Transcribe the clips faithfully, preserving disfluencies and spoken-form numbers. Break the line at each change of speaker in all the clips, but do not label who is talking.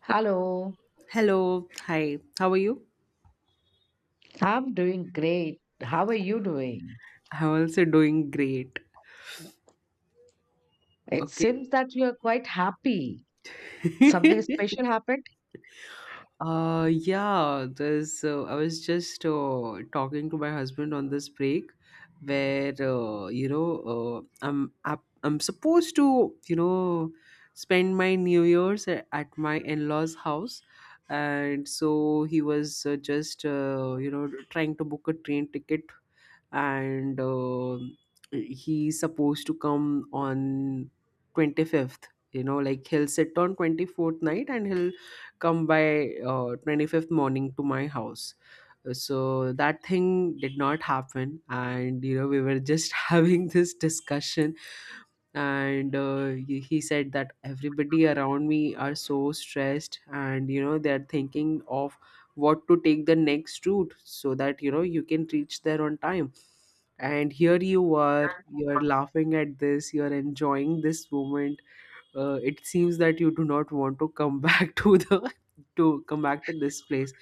Hello,
Hello. Hi. How are you?
I'm doing great. How are you doing?
I'm also doing great.
It seems
Okay.
that you are quite happy. Something special happened?
uh yeah, This, uh, I was just uh, talking to my husband on this break where uh, you know uh, I'm up- I'm supposed to, you know, spend my New Year's a- at my in-laws house. And so he was uh, just, uh, you know, trying to book a train ticket, and uh, he's supposed to come on twenty-fifth. You know, like, he'll sit on twenty-fourth night and he'll come by uh, twenty-fifth morning to my house. So that thing did not happen, and, you know, we were just having this discussion. And uh, he he said that everybody around me are so stressed, and, you know, they're thinking of what to take the next route so that, you know, you can reach there on time. And here you are, you're laughing at this, you're enjoying this moment. Uh, it seems that you do not want to come back to the to come back to this place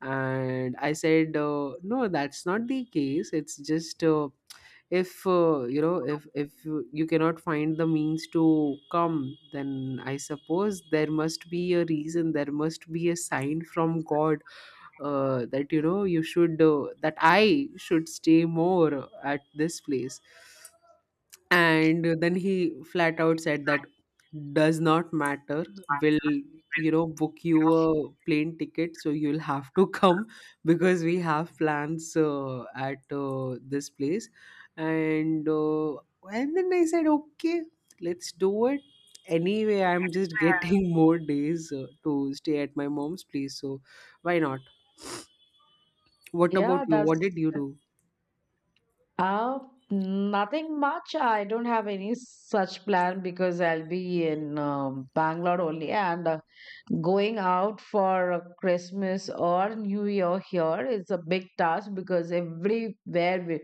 And I said, uh, no, that's not the case. It's just uh, if uh, you know, if if you cannot find the means to come, then I suppose there must be a reason, there must be a sign from God, uh, that, you know, you should uh, that I should stay more at this place. And then he flat out said that does not matter, we'll, you know, book you a plane ticket, so you'll have to come because we have plans uh, at uh, this place. And uh, and then I said, okay, let's do it. Anyway, I'm just getting more days uh, to stay at my mom's place, so why not? What about
Yeah,
you? What
that's
did you do?
uh nothing much. I don't have any such plan because I'll be in um, Bangalore only and uh, going out for uh, Christmas or New Year here is a big task, because everywhere we,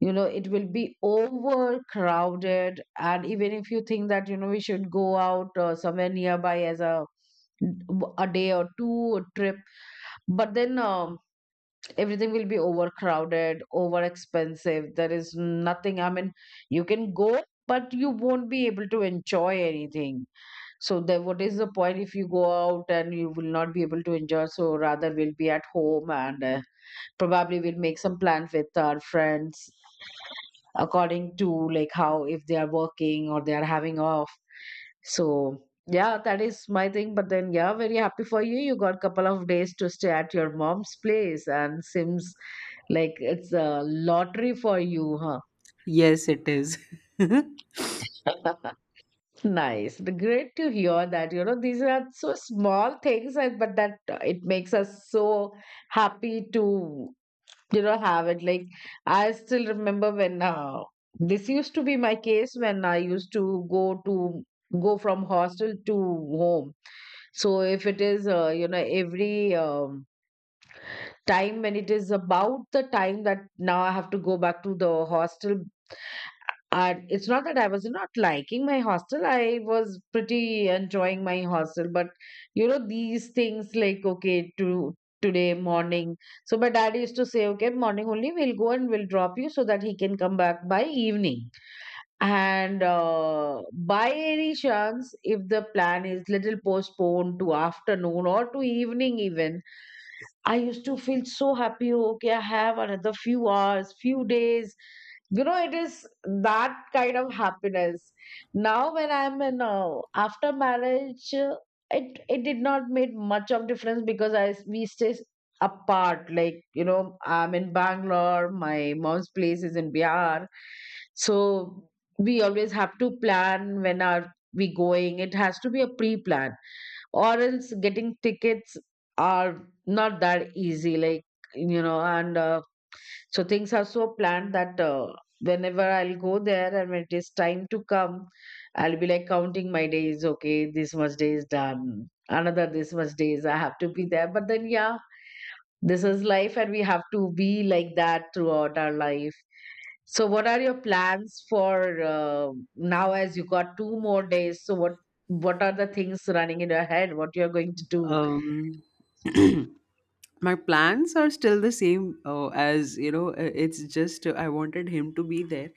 you know it will be overcrowded. And even if you think that you know we should go out uh, somewhere nearby as a a day or two trip, but then um, everything will be overcrowded, over expensive. There is nothing, I mean, you can go but you won't be able to enjoy anything. So then what is the point if you go out and you will not be able to enjoy? So rather we'll be at home and uh, probably we'll make some plan with our friends, according to like how if they are working or they are having off. So yeah, that is my thing, but then yeah, very happy for you, you got couple of days to stay at your mom's place and seems like it's a lottery for you.
Yes, it is.
Huh. Nice. The- Great to hear that. You know, these are so small things, and but that uh, it makes us so happy to. You don't have it. Like, I still remember when uh, this used to be my case when I used to go to go from hostel to home. So if it is, uh, you know, every um, time when it is about the time that now I have to go back to the hostel, and it's not that I was not liking my hostel. I was pretty enjoying my hostel, but you know these things like okay to today morning. So my dad used to say, okay, morning only we'll go and we'll drop you so that he can come back by evening. And uh, by any chance, if the plan is little postponed to afternoon or to evening even, I used to feel so happy. Okay, I have another few hours, few days. You know, it is that kind of happiness. Now, when I'm in uh, after marriage, uh, it it did not make much of difference because I s- we stay s- apart. Like, you know, I'm in Bangalore. My mom's place is in Bihar, so we always have to plan when are we going. It has to be a pre-plan, or else getting tickets are not that easy, like, you know and uh, so things are so planned that uh, whenever I'll go there and when it is time to come, I'll be like counting my days. Okay, this much day is done, another this much days I have to be there. But then yeah, this is life and we have to be like that throughout our life. So what are your plans for uh, now, as you got two more days, so what what are the things running in your head, what you're going to do?
um my plans are still the same, uh, as you know, uh, it's just uh, I wanted him to be there.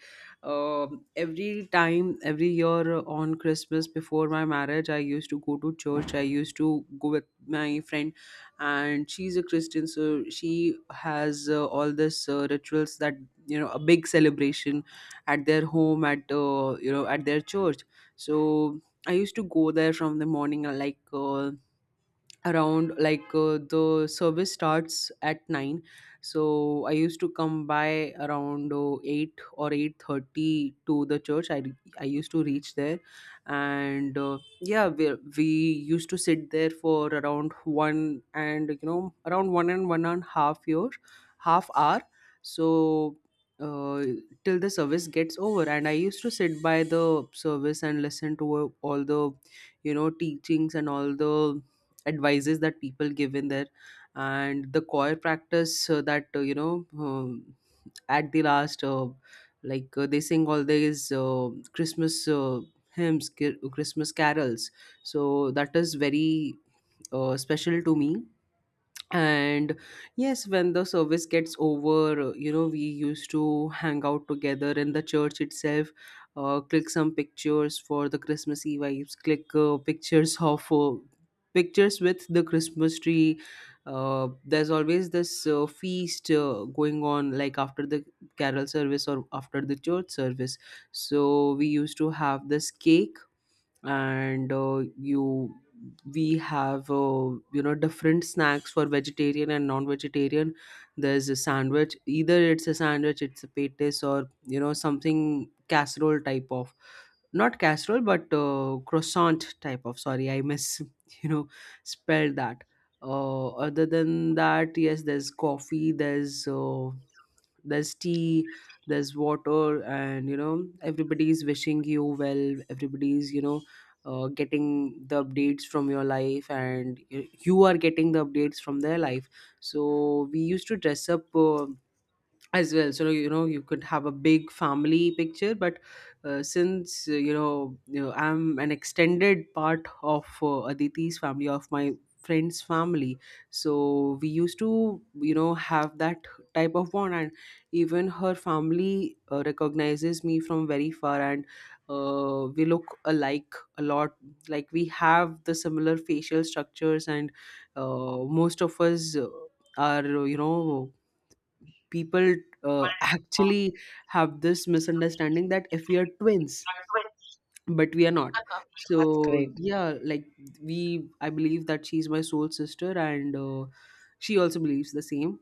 um, Every time, every year, uh, on Christmas before my marriage, I used to go to church. I used to go with my friend, and she's a Christian, so she has uh, all this, uh, rituals that, you know, a big celebration at their home, at uh, you know, at their church. So I used to go there from the morning, uh, like uh, around, like uh, the service starts at nine, so I used to come by around uh, eight or eight thirty to the church. I i used to reach there. And uh, yeah, we, we used to sit there for around one and you know around one and one and half year half hour. So uh, till the service gets over, and I used to sit by the service and listen to uh, all the, you know, teachings and all the advices that people give in there, and the choir practice, uh, that uh, you know um, at the last, uh, like uh, they sing all these uh, Christmas uh, hymns ki- Christmas carols. So that is very uh, special to me. And yes, when the service gets over, uh, you know, we used to hang out together in the church itself, uh, click some pictures for the Christmassy vibes, click uh, pictures of uh, pictures with the Christmas tree. Uh, there's always this uh, feast uh, going on like after the carol service or after the church service. So we used to have this cake, and uh, you we have, uh, you know, different snacks for vegetarian and non-vegetarian. There's a sandwich, either it's a sandwich, it's a patties, or, you know, something casserole type of, not casserole, but uh, croissant type of. Sorry, I miss you know spelled that. Uh, other than that, yes, there's coffee, there's uh, there's tea, there's water, and, you know, everybody's wishing you well, everybody's, you know, uh, getting the updates from your life, and y- you are getting the updates from their life. So we used to dress up uh, as well, so, you know, you could have a big family picture. But uh, since uh, you know you know, I'm an extended part of uh, Aditi's family, of my friend's family, so we used to, you know, have that type of bond. And even her family uh, recognizes me from very far, and uh, we look alike a lot. Like, we have the similar facial structures, and uh, most of us, uh, are, you know, people, uh, actually have this misunderstanding that if we are twins, but we are not.
That's
So
great.
yeah, like, we I believe that she's my soul sister, and uh, she also believes the same.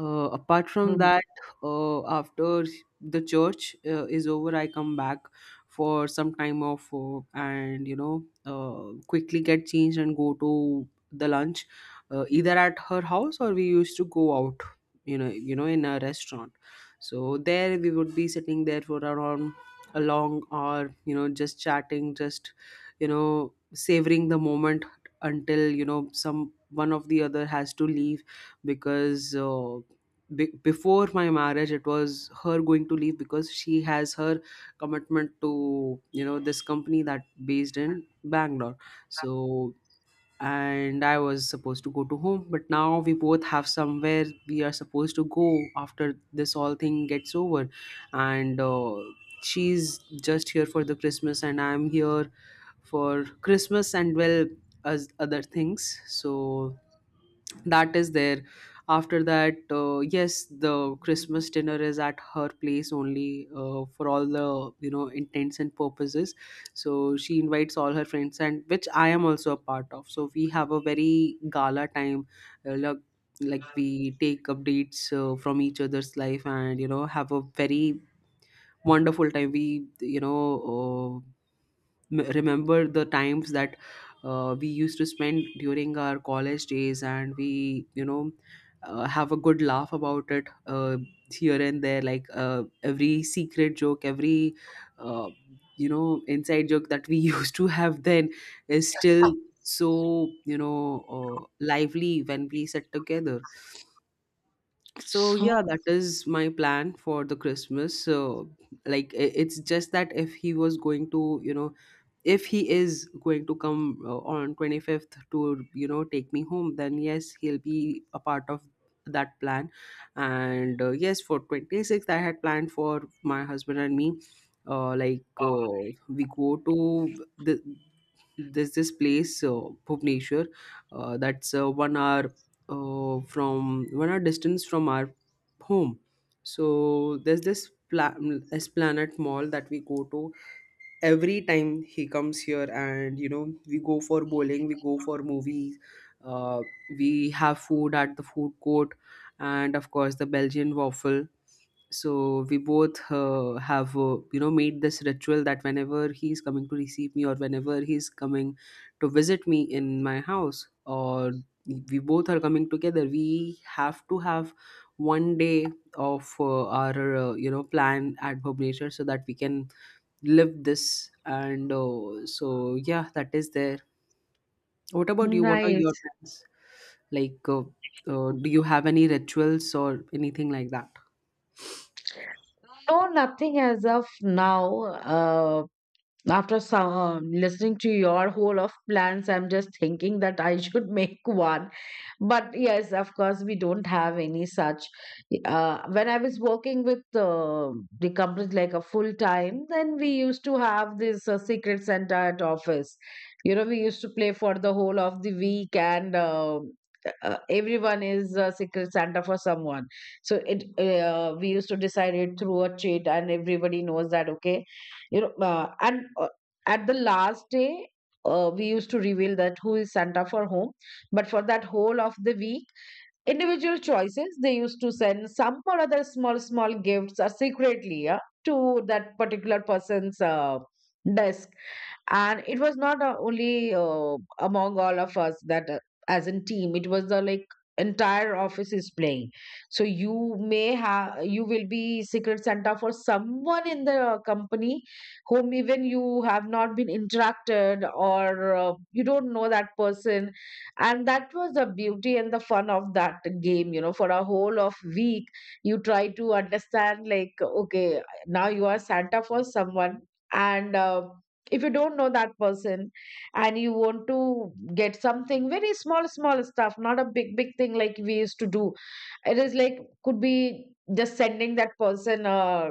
uh, Apart from
Mhm.
that, uh, after the church uh, is over, I come back for some time off, uh, and, you know, uh, quickly get changed and go to the lunch, uh, either at her house, or we used to go out, you know you know, in a restaurant. So there we would be sitting there for around along, or, you know, just chatting, just, you know, savoring the moment until, you know, some one of the other has to leave. Because uh, be- before my marriage, it was her going to leave because she has her commitment to, you know, this company that based in Bangalore. So and I was supposed to go to home. But now we both have somewhere we are supposed to go after this all thing gets over, and uh, she's just here for the Christmas, and I'm here for Christmas and well as other things. So that is there. After that, uh, yes, the Christmas dinner is at her place only, uh, for all the, you know, intents and purposes. So she invites all her friends, and which I am also a part of, so we have a very gala time, uh, like like we take updates uh, from each other's life, and, you know, have a very wonderful time. We, you know, uh, m- remember the times that uh, we used to spend during our college days, and we, you know, uh, have a good laugh about it, uh, here and there, like, uh, every secret joke, every, uh, you know, inside joke that we used to have then is still so, you know uh, lively when we sit together. So yeah,
So
that is my plan for the Christmas. So, like, i- it's just that if he was going to, you know, if he is going to come uh, on twenty-fifth to, you know, take me home, then yes, he'll be a part of that plan. And uh, yes, for twenty-sixth, I had planned for my husband and me, uh, like uh, we go to the, there's this place, uh, Bhubaneswar, uh, that's a one hour uh, from one hour distance from our home. So there's this pla- mm, Esplanade Mall that we go to every time he comes here, and, you know, we go for bowling, we go for movies, uh, we have food at the food court, and of course the Belgian waffle. So we both uh, have, uh, you know, made this ritual that whenever he's coming to receive me, or whenever he's coming to visit me in my house, or we both are coming together, we have to have one day of uh, our uh, you know, plan at Bhub Nature so that we can live this. And uh, so yeah, that is there. What about you? What are your
nice.
plans? Like, uh, uh, do you have any rituals or anything like that?
No, nothing as of now. Uh, after some, listening to your whole of plans, I'm just thinking that I should make one. But yes, of course, we don't have any such. Uh, when I was working with uh, the company like a full time, then we used to have this uh, secret center at office. You know, we used to play for the whole of the week, and uh, uh, everyone is a secret Santa for someone. So it uh, we used to decide it through a cheat, and everybody knows that. Okay, you know, uh, and uh, at the last day. Uh, we used to reveal that who is Santa for whom, but for that whole of the week, individual choices, they used to send some or other small, small gifts uh, secretly, yeah, to that particular person's uh, desk. And it was not uh, only uh, among all of us that uh, as a team, it was the like entire office is playing. So you may have you will be secret Santa for someone in the company whom even you have not been interacted, or uh, you don't know that person. And that was the beauty and the fun of that game, you know for a whole of week. You try to understand, like, okay, now you are Santa for someone, and uh, if you don't know that person and you want to get something very small small stuff, not a big big thing like we used to do. It is like could be just sending that person uh,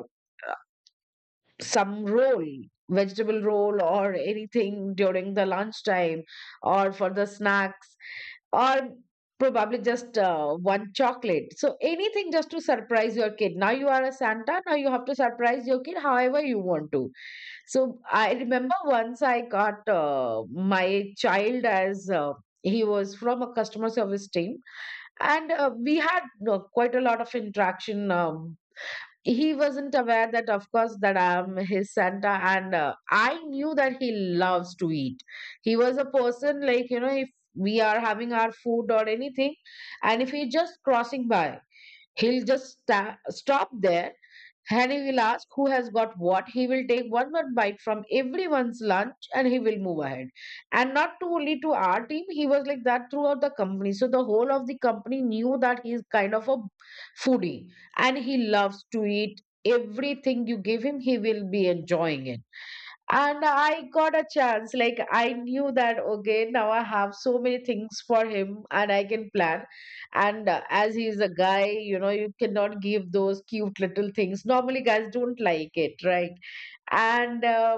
some roll vegetable roll or anything during the lunchtime, or for the snacks, or probably just uh, one chocolate. So anything just to surprise your kid. Now you are a Santa, now you have to surprise your kid however you want to. So I remember once I got uh, my child as uh, he was from a customer service team, and uh, we had uh, quite a lot of interaction. Uh, he wasn't aware that, of course, that I'm his Santa, and uh, I knew that he loves to eat. He was a person like, you know if we are having our food or anything and if he's just crossing by, he'll just sta- stop there. Henry will ask who has got what. He will take one one bite from everyone's lunch and he will move ahead. And not to only to our team, he was like that throughout the company. So the whole of the company knew that he is kind of a foodie and he loves to eat everything you give him, he will be enjoying it. And I got a chance, like, I knew that okay, now I have so many things for him and I can plan, and uh, as he's a guy, you know you cannot give those cute little things, normally guys don't like it, right? And uh,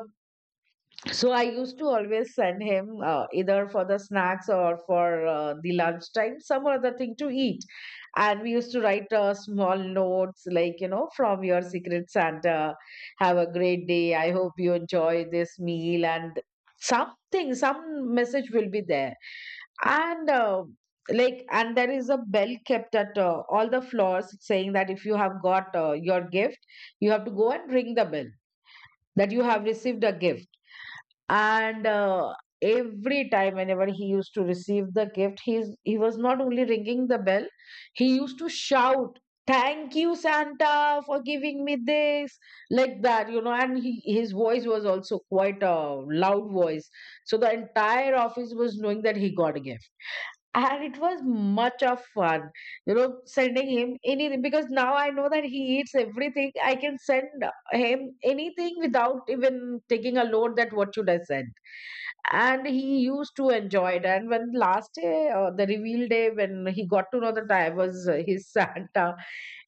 so I used to always send him uh, either for the snacks or for uh, the lunchtime, some other thing to eat. And we used to write uh, small notes like, you know, from your secret Santa, have a great day. I hope you enjoy this meal, and something, some message will be there. And uh, like, and there is a bell kept at uh, all the floors saying that if you have got uh, your gift, you have to go and ring the bell that you have received a gift. And uh, every time whenever he used to receive the gift, he's he was not only ringing the bell, he used to shout, thank you Santa for giving me this, like that, you know and he, his voice was also quite a loud voice, so the entire office was knowing that he got a gift. And it was much of fun, you know sending him anything, because now I know that he eats everything. I can send him anything without even taking a load that what should I send, and he used to enjoy it. And when last day, uh, the reveal day, when he got to know that I was uh, his Santa,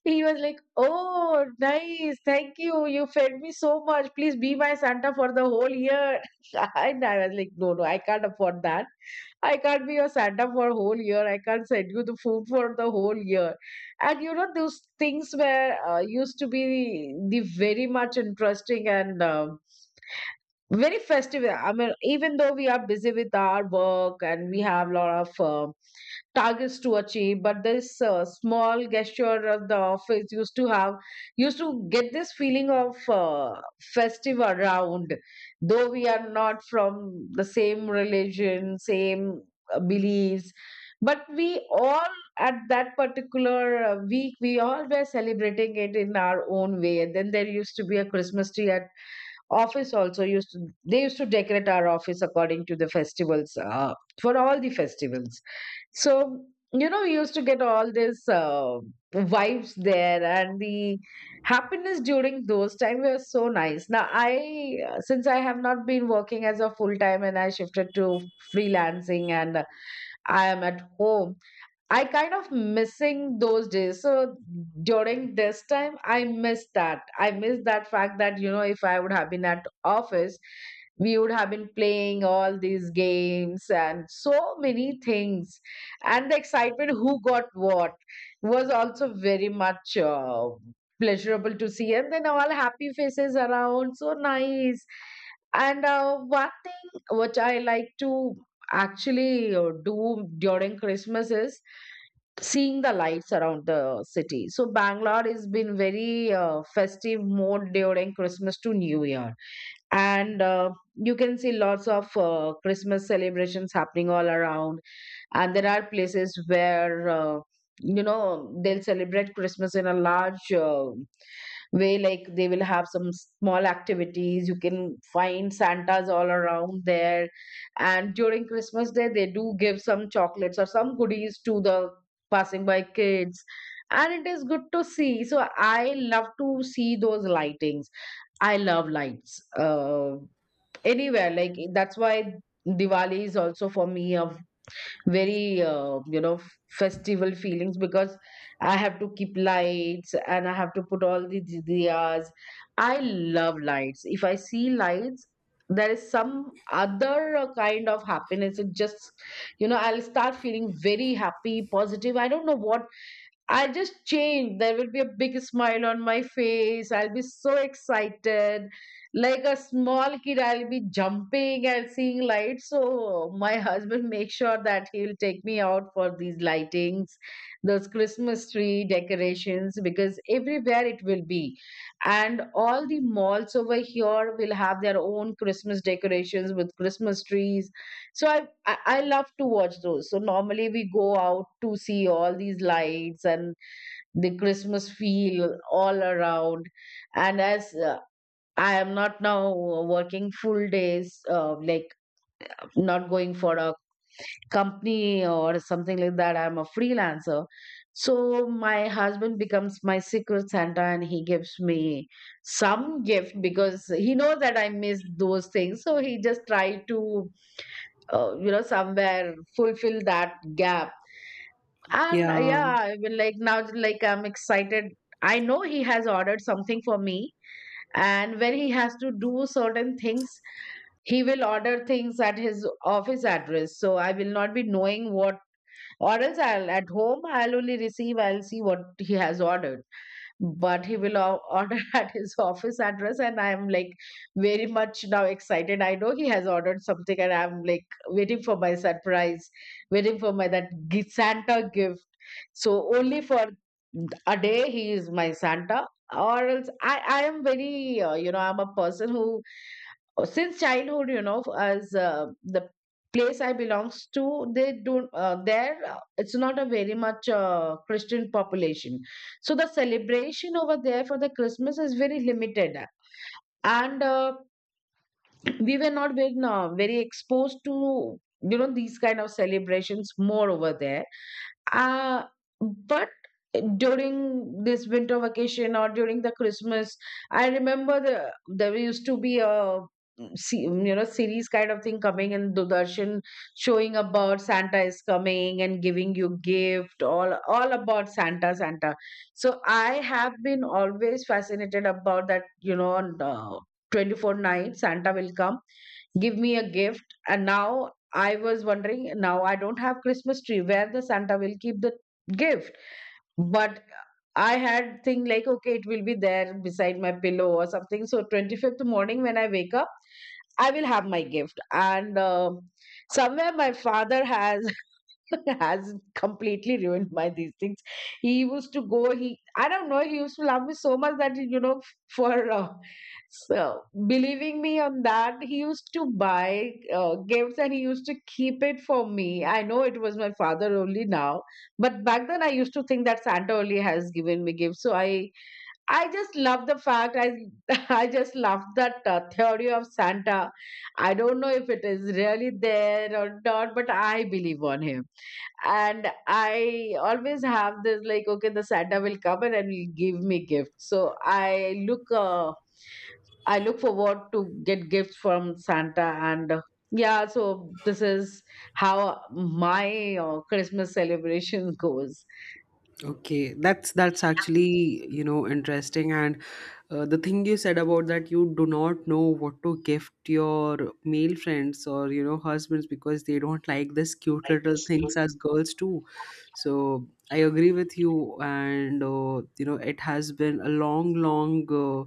he was like, oh nice, thank you, you fed me so much, please be my Santa for the whole year. And I was like, no no, I can't afford that. I can't be your Santa for a whole year. I can't send you the food for the whole year. And you know, those things were uh, used to be the, very much interesting and um very festive. I mean, even though we are busy with our work and we have a lot of uh, targets to achieve, but this uh, small gesture of the office used to have used to get this feeling of uh, festive around, though we are not from the same religion, same uh, beliefs, but we all at that particular uh, week we all were celebrating it in our own way. And then there used to be a Christmas tree at office, also used to they used to decorate our office according to the festivals uh, for all the festivals. So, you know, we used to get all this uh, vibes there, and the happiness during those time were so nice. Now, I uh, since I have not been working as a full time, and I shifted to freelancing, and I am at home, I kind of missing those days. So during this time, I miss that. I miss that fact that, you know, if I would have been at office, we would have been playing all these games and so many things. And the excitement who got what was also very much uh, pleasurable to see. And then all happy faces around, so nice. And uh, one thing which I like to actually uh, do during Christmas is seeing the lights around the city. So Bangalore has been very uh, festive mode during Christmas to New Year, and uh, you can see lots of uh, Christmas celebrations happening all around. And there are places where uh, you know they'll celebrate Christmas in a large. Uh, way. Like, they will have some small activities. You can find santas all around there, and during Christmas day they do give some chocolates or some goodies to the passing by kids, and it is good to see. So I love to see those lightings. I love lights uh, anywhere. Like, that's why Diwali is also for me a very uh, you know festival feelings, because I have to keep lights and I have to put all the di- diyas. I love lights. If I see lights, there is some other uh, kind of happiness. It just, you know, I'll start feeling very happy, positive, I don't know what. I'll just change. There will be a big smile on my face. I'll be so excited. Like a small kid, I'll be jumping and seeing lights. So my husband makes sure that he'll take me out for these lightings, those Christmas tree decorations, because everywhere it will be. And all the malls over here will have their own Christmas decorations with Christmas trees. So I, I I love to watch those. So normally we go out to see all these lights and the Christmas feel all around. And as uh, I am not now working full days, uh, like not going for a company or something like that, I'm a freelancer. So my husband becomes my secret Santa and he gives me some gift because he knows that I miss those things. So he just try to, uh, you know, somewhere fulfill that gap. And uh,
Yeah.
yeah, I will like now, like I'm excited. I know he has ordered something for me, and when he has to do certain things, he will order things at his office address. So I will not be knowing what, or else I'll at home I'll only receive. I'll see what he has ordered, but he will o- order at his office address, and I am like very much now excited. I know he has ordered something and I'm like waiting for my surprise, waiting for my that gi- Santa gift. So only for a day he is my Santa. Or else i i am very uh, you know I'm a person who uh, since childhood, you know, as uh, the place I belongs to, they don't uh, there uh, it's not a very much uh, Christian population. So the celebration over there for the Christmas is very limited. And uh, we were not very, uh, very exposed to, you know, these kind of celebrations more over there. uh, but during this winter vacation or during the Christmas, I remember the, there used to be a mm, se- you know series kind of thing coming in Doordarshan showing about Santa is coming and giving you gift, all all about Santa, Santa. So I have been always fascinated about that, you know, on uh, twenty four night Santa will come give me a gift. And now I was wondering, now I don't have Christmas tree where the Santa will keep the gift. But I had think like, okay, it will be there beside my pillow or something. So twenty-fifth morning when I wake up, I will have my gift. And um somewhere my father has has completely ruined my these things. He used to go. He I don't know. He used to love me so much that, you know, for uh, so believing me on that. He used to buy uh, gifts and he used to keep it for me. I know it was my father only now, but back then I used to think that Santa only has given me gifts. So I I just love the fact. I I just love that uh, theory of Santa. I don't know if it is really there or not, but I believe on him. And I always have this like, okay, the Santa will come and will give me gifts. So I look uh, I look forward to get gifts from Santa. And uh, yeah, so this is how my uh, Christmas celebration goes.
Okay, that's that's actually, you know, interesting. And uh, the thing you said about that you do not know what to gift your male friends, or, you know, husbands, because they don't like this cute little things as girls too. So I agree with you. And, uh, you know, it has been a long, long uh,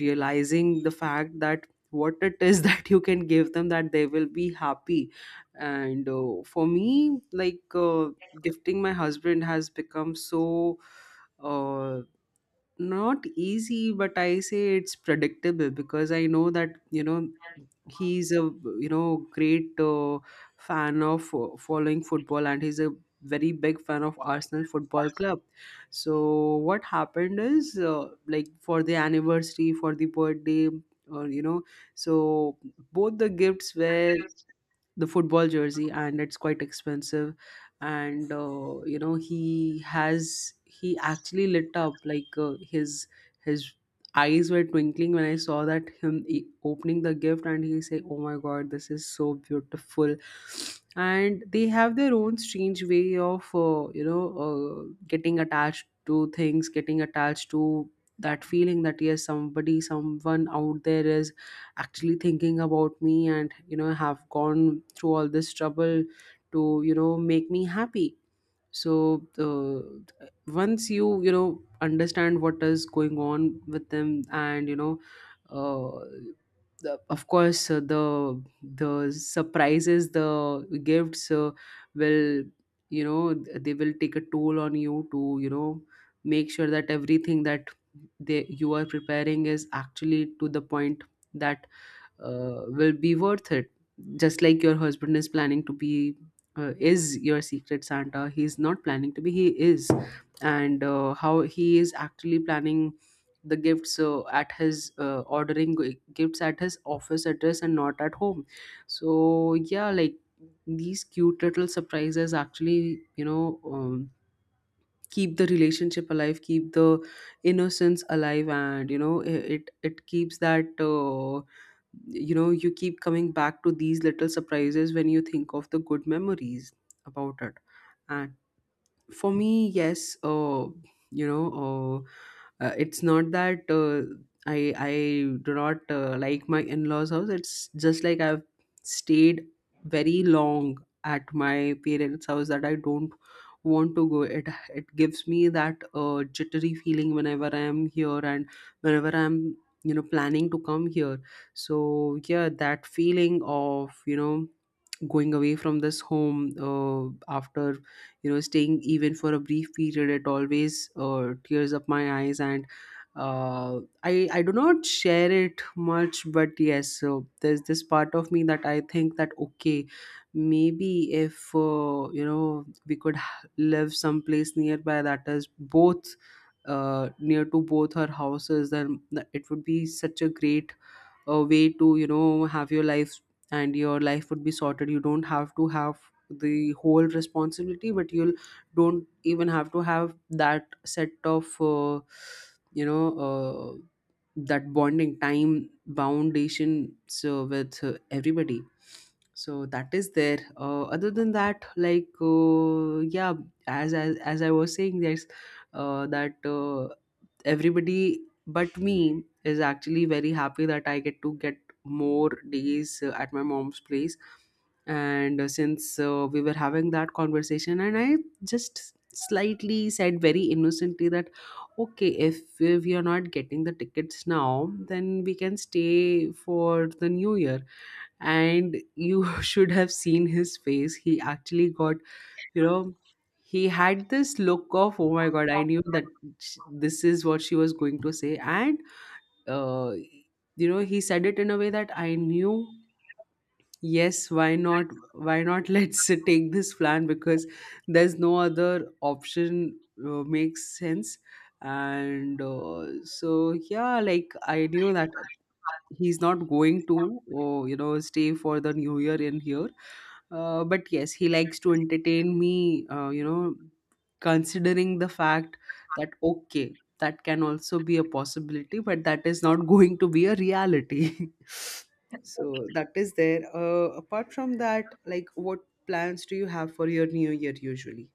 realizing the fact that what it is that you can give them that they will be happy and uh, for me like uh, gifting my husband has become so uh, not easy, but I say it's predictable because I know that, you know he's a, you know great uh, fan of uh, following football, and he's a very big fan of Arsenal Football Club. So what happened is, uh, like for the anniversary, for the birthday, or you know, so both the gifts were the football jersey, and it's quite expensive. And uh, you know, he has he actually lit up like, uh, his his eyes were twinkling when I saw that him e- opening the gift, and he say, oh my god, this is so beautiful. And they have their own strange way of uh, you know, uh, getting attached to things, getting attached to that feeling that yes, somebody, someone out there is actually thinking about me and, you know, have gone through all this trouble to, you know, make me happy. So uh, once you, you know, understand what is going on with them, and you know, uh, the, of course, uh, the the surprises, the gifts uh, will, you know, th- they will take a toll on you to, you know, make sure that everything that they you are preparing is actually to the point that uh, will be worth it. Just like your husband is planning to be, uh, is your secret Santa. He's not planning to be, he is. And uh, how he is actually planning the gifts, uh, at his, uh, ordering g- gifts at his office address and not at home. So yeah, like these cute little surprises actually, you know, um, keep the relationship alive, keep the innocence alive, and you know, i- it it keeps that, uh, you know, you keep coming back to these little surprises when you think of the good memories about it. And for me, yes, uh you know, uh, uh it's not that, uh, i i do not, uh, like my in-laws house. It's just like I've stayed very long at my parents house that I don't want to go. it it gives me that, uh, jittery feeling whenever I am here, and whenever I'm, you know, planning to come here. So yeah, that feeling of, you know, going away from this home uh, after, you know, staying even for a brief period, it always, uh, tears up my eyes. And uh, I I do not share it much, but yes, so there's this part of me that I think that, okay, maybe if, uh, you know, we could h- live someplace nearby that is both, uh, near to both our houses, then th- it would be such a great, uh, way to, you know, have your life, and your life would be sorted. You don't have to have the whole responsibility, but you'll don't even have to have that set of, uh, you know, uh, that bonding time, foundation so, with, uh, everybody. So that is there, uh, other than that, like, uh, yeah, as, as as I was saying, there's, uh, that, uh, everybody but me is actually very happy that I get to get more days, uh, at my mom's place. And uh, since, uh, we were having that conversation, and I just slightly said very innocently that, okay, if, if we are not getting the tickets now, then we can stay for the new year. And you should have seen his face. He actually got, you know, he had this look of, oh my god, I knew that, sh- this is what she was going to say. And uh, you know, he said it in a way that I knew, yes, why not, why not, let's take this plan because there's no other option. Uh, makes sense. And uh, so yeah, like I knew that he's not going to, oh, you know, stay for the new year in here. Uh, but yes, he likes to entertain me, uh, you know, considering the fact that okay, that can also be a possibility, but that is not going to be a reality. So that is there, uh, apart from that, like, what plans do you have for your new year usually?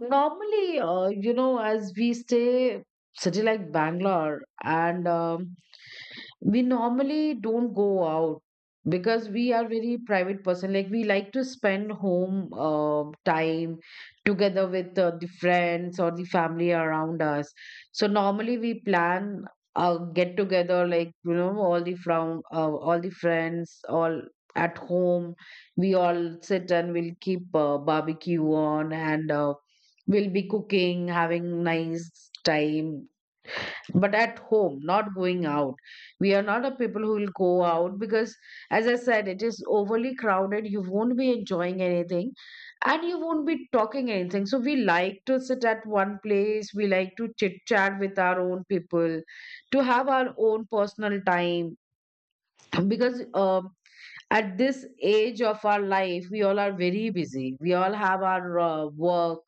Normally, uh, you know, as we stay city like Bangalore, and um, we normally don't go out because we are very private person. Like, we like to spend home uh, time together with uh, the friends or the family around us. So normally we plan a get together, like, you know, all the from uh, all the friends, all at home. We all sit and we'll keep uh, barbecue on and. Uh, we'll be cooking, having nice time, but at home, not going out. We are not a people who will go out because, as I said, it is overly crowded. You won't be enjoying anything and you won't be talking anything. So, we like to sit at one place, we like to chit chat with our own people, to have our own personal time, because um at this age of our life we all are very busy. We all have our uh, work.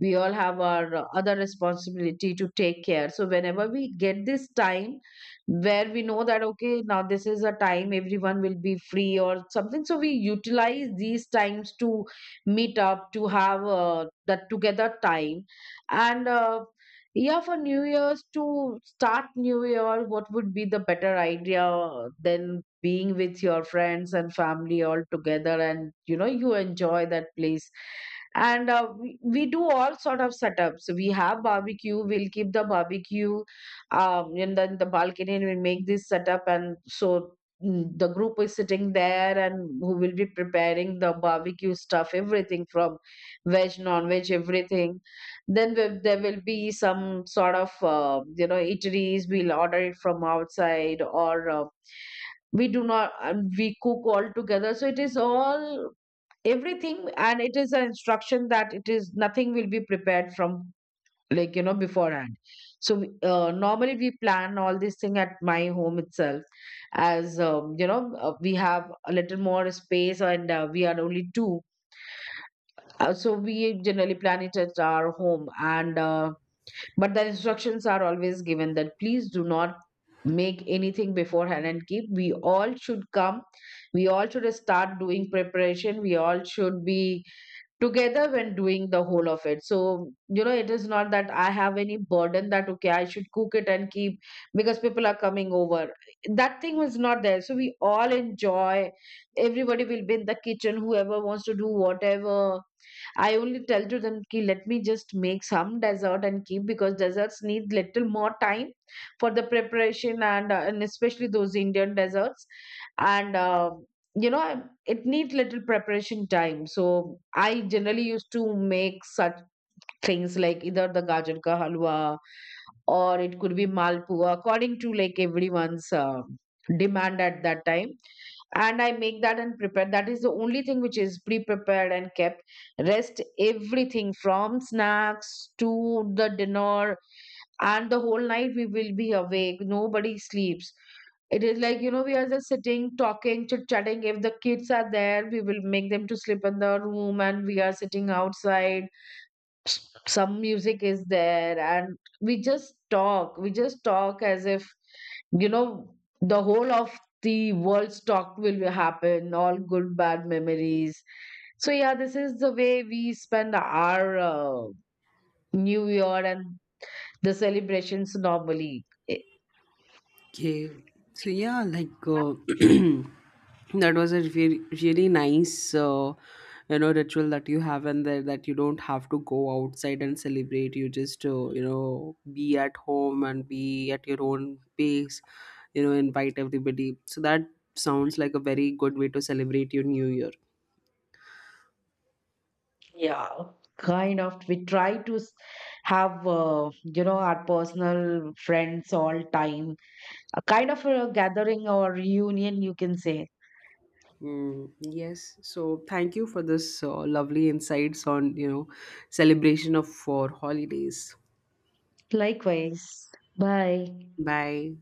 We all have our uh, other responsibility to take care. So whenever we get this time where we know that okay, now this is a time everyone will be free or something, so we utilize these times to meet up, to have uh, that together time. And uh, yeah, for new year's, to start new year, what would be the better idea than being with your friends and family all together, and you know, you enjoy that place. And uh, we, we do all sort of setups. We have barbecue, we'll keep the barbecue um and then the balcony, and we make this setup. And so mm, the group is sitting there, and who will be preparing the barbecue stuff, everything from veg, non-veg, everything. Then we, there will be some sort of uh, you know eateries, we'll order it from outside, or uh, we do not, and we cook all together. So it is all everything, and it is an instruction that it is nothing will be prepared from, like, you know, beforehand. So we- uh, normally we plan all this thing at my home itself, as um, you know uh, we have a little more space, and uh, we are only two. Uh, so we generally plan it at our home. And uh, but the instructions are always given that, please do not make anything beforehand and keep. We all should come. We all should start doing preparation. We all should be together when doing the whole of it. So, you know, it is not that I have any burden that, okay, I should cook it and keep because people are coming over. That thing was not there. So we all enjoy. Everybody will be in the kitchen, whoever wants to do whatever. I only tell to them, "Ki, let me just make some dessert and keep, because desserts need little more time for the preparation, and, uh, and especially those Indian desserts. And uh, you know, it needs little preparation time. So I generally used to make such things, like either the gajar ka halwa, or it could be malpua, according to like everyone's uh, demand at that time. And I make that and prepare. That is the only thing which is pre-prepared and kept. Rest everything from snacks to the dinner, and the whole night we will be awake. Nobody sleeps. It is like, you know, we are just sitting, talking, chit-chatting. If the kids are there, we will make them to sleep in the room, and we are sitting outside. Some music is there and we just talk. We just talk as if, you know, the whole of the world's talk will happen, all good bad memories. So yeah, this is the way we spend our uh, new year and the celebrations normally. Eh,
Okay, so yeah, like uh, that was a very, really nice, uh, you know, ritual that you have, and there that you don't have to go outside and celebrate. You just, uh, you know, be at home and be at your own pace. You know, invite everybody. So that sounds like a very good way to celebrate your new year.
yeah. Kind of we try to s- have uh, you know our personal friends all time, a kind of a gathering or reunion, you can say.
Mm, yes. So thank you for this uh, lovely insights on, you know, celebration of for holidays.
Likewise. Bye.
Bye.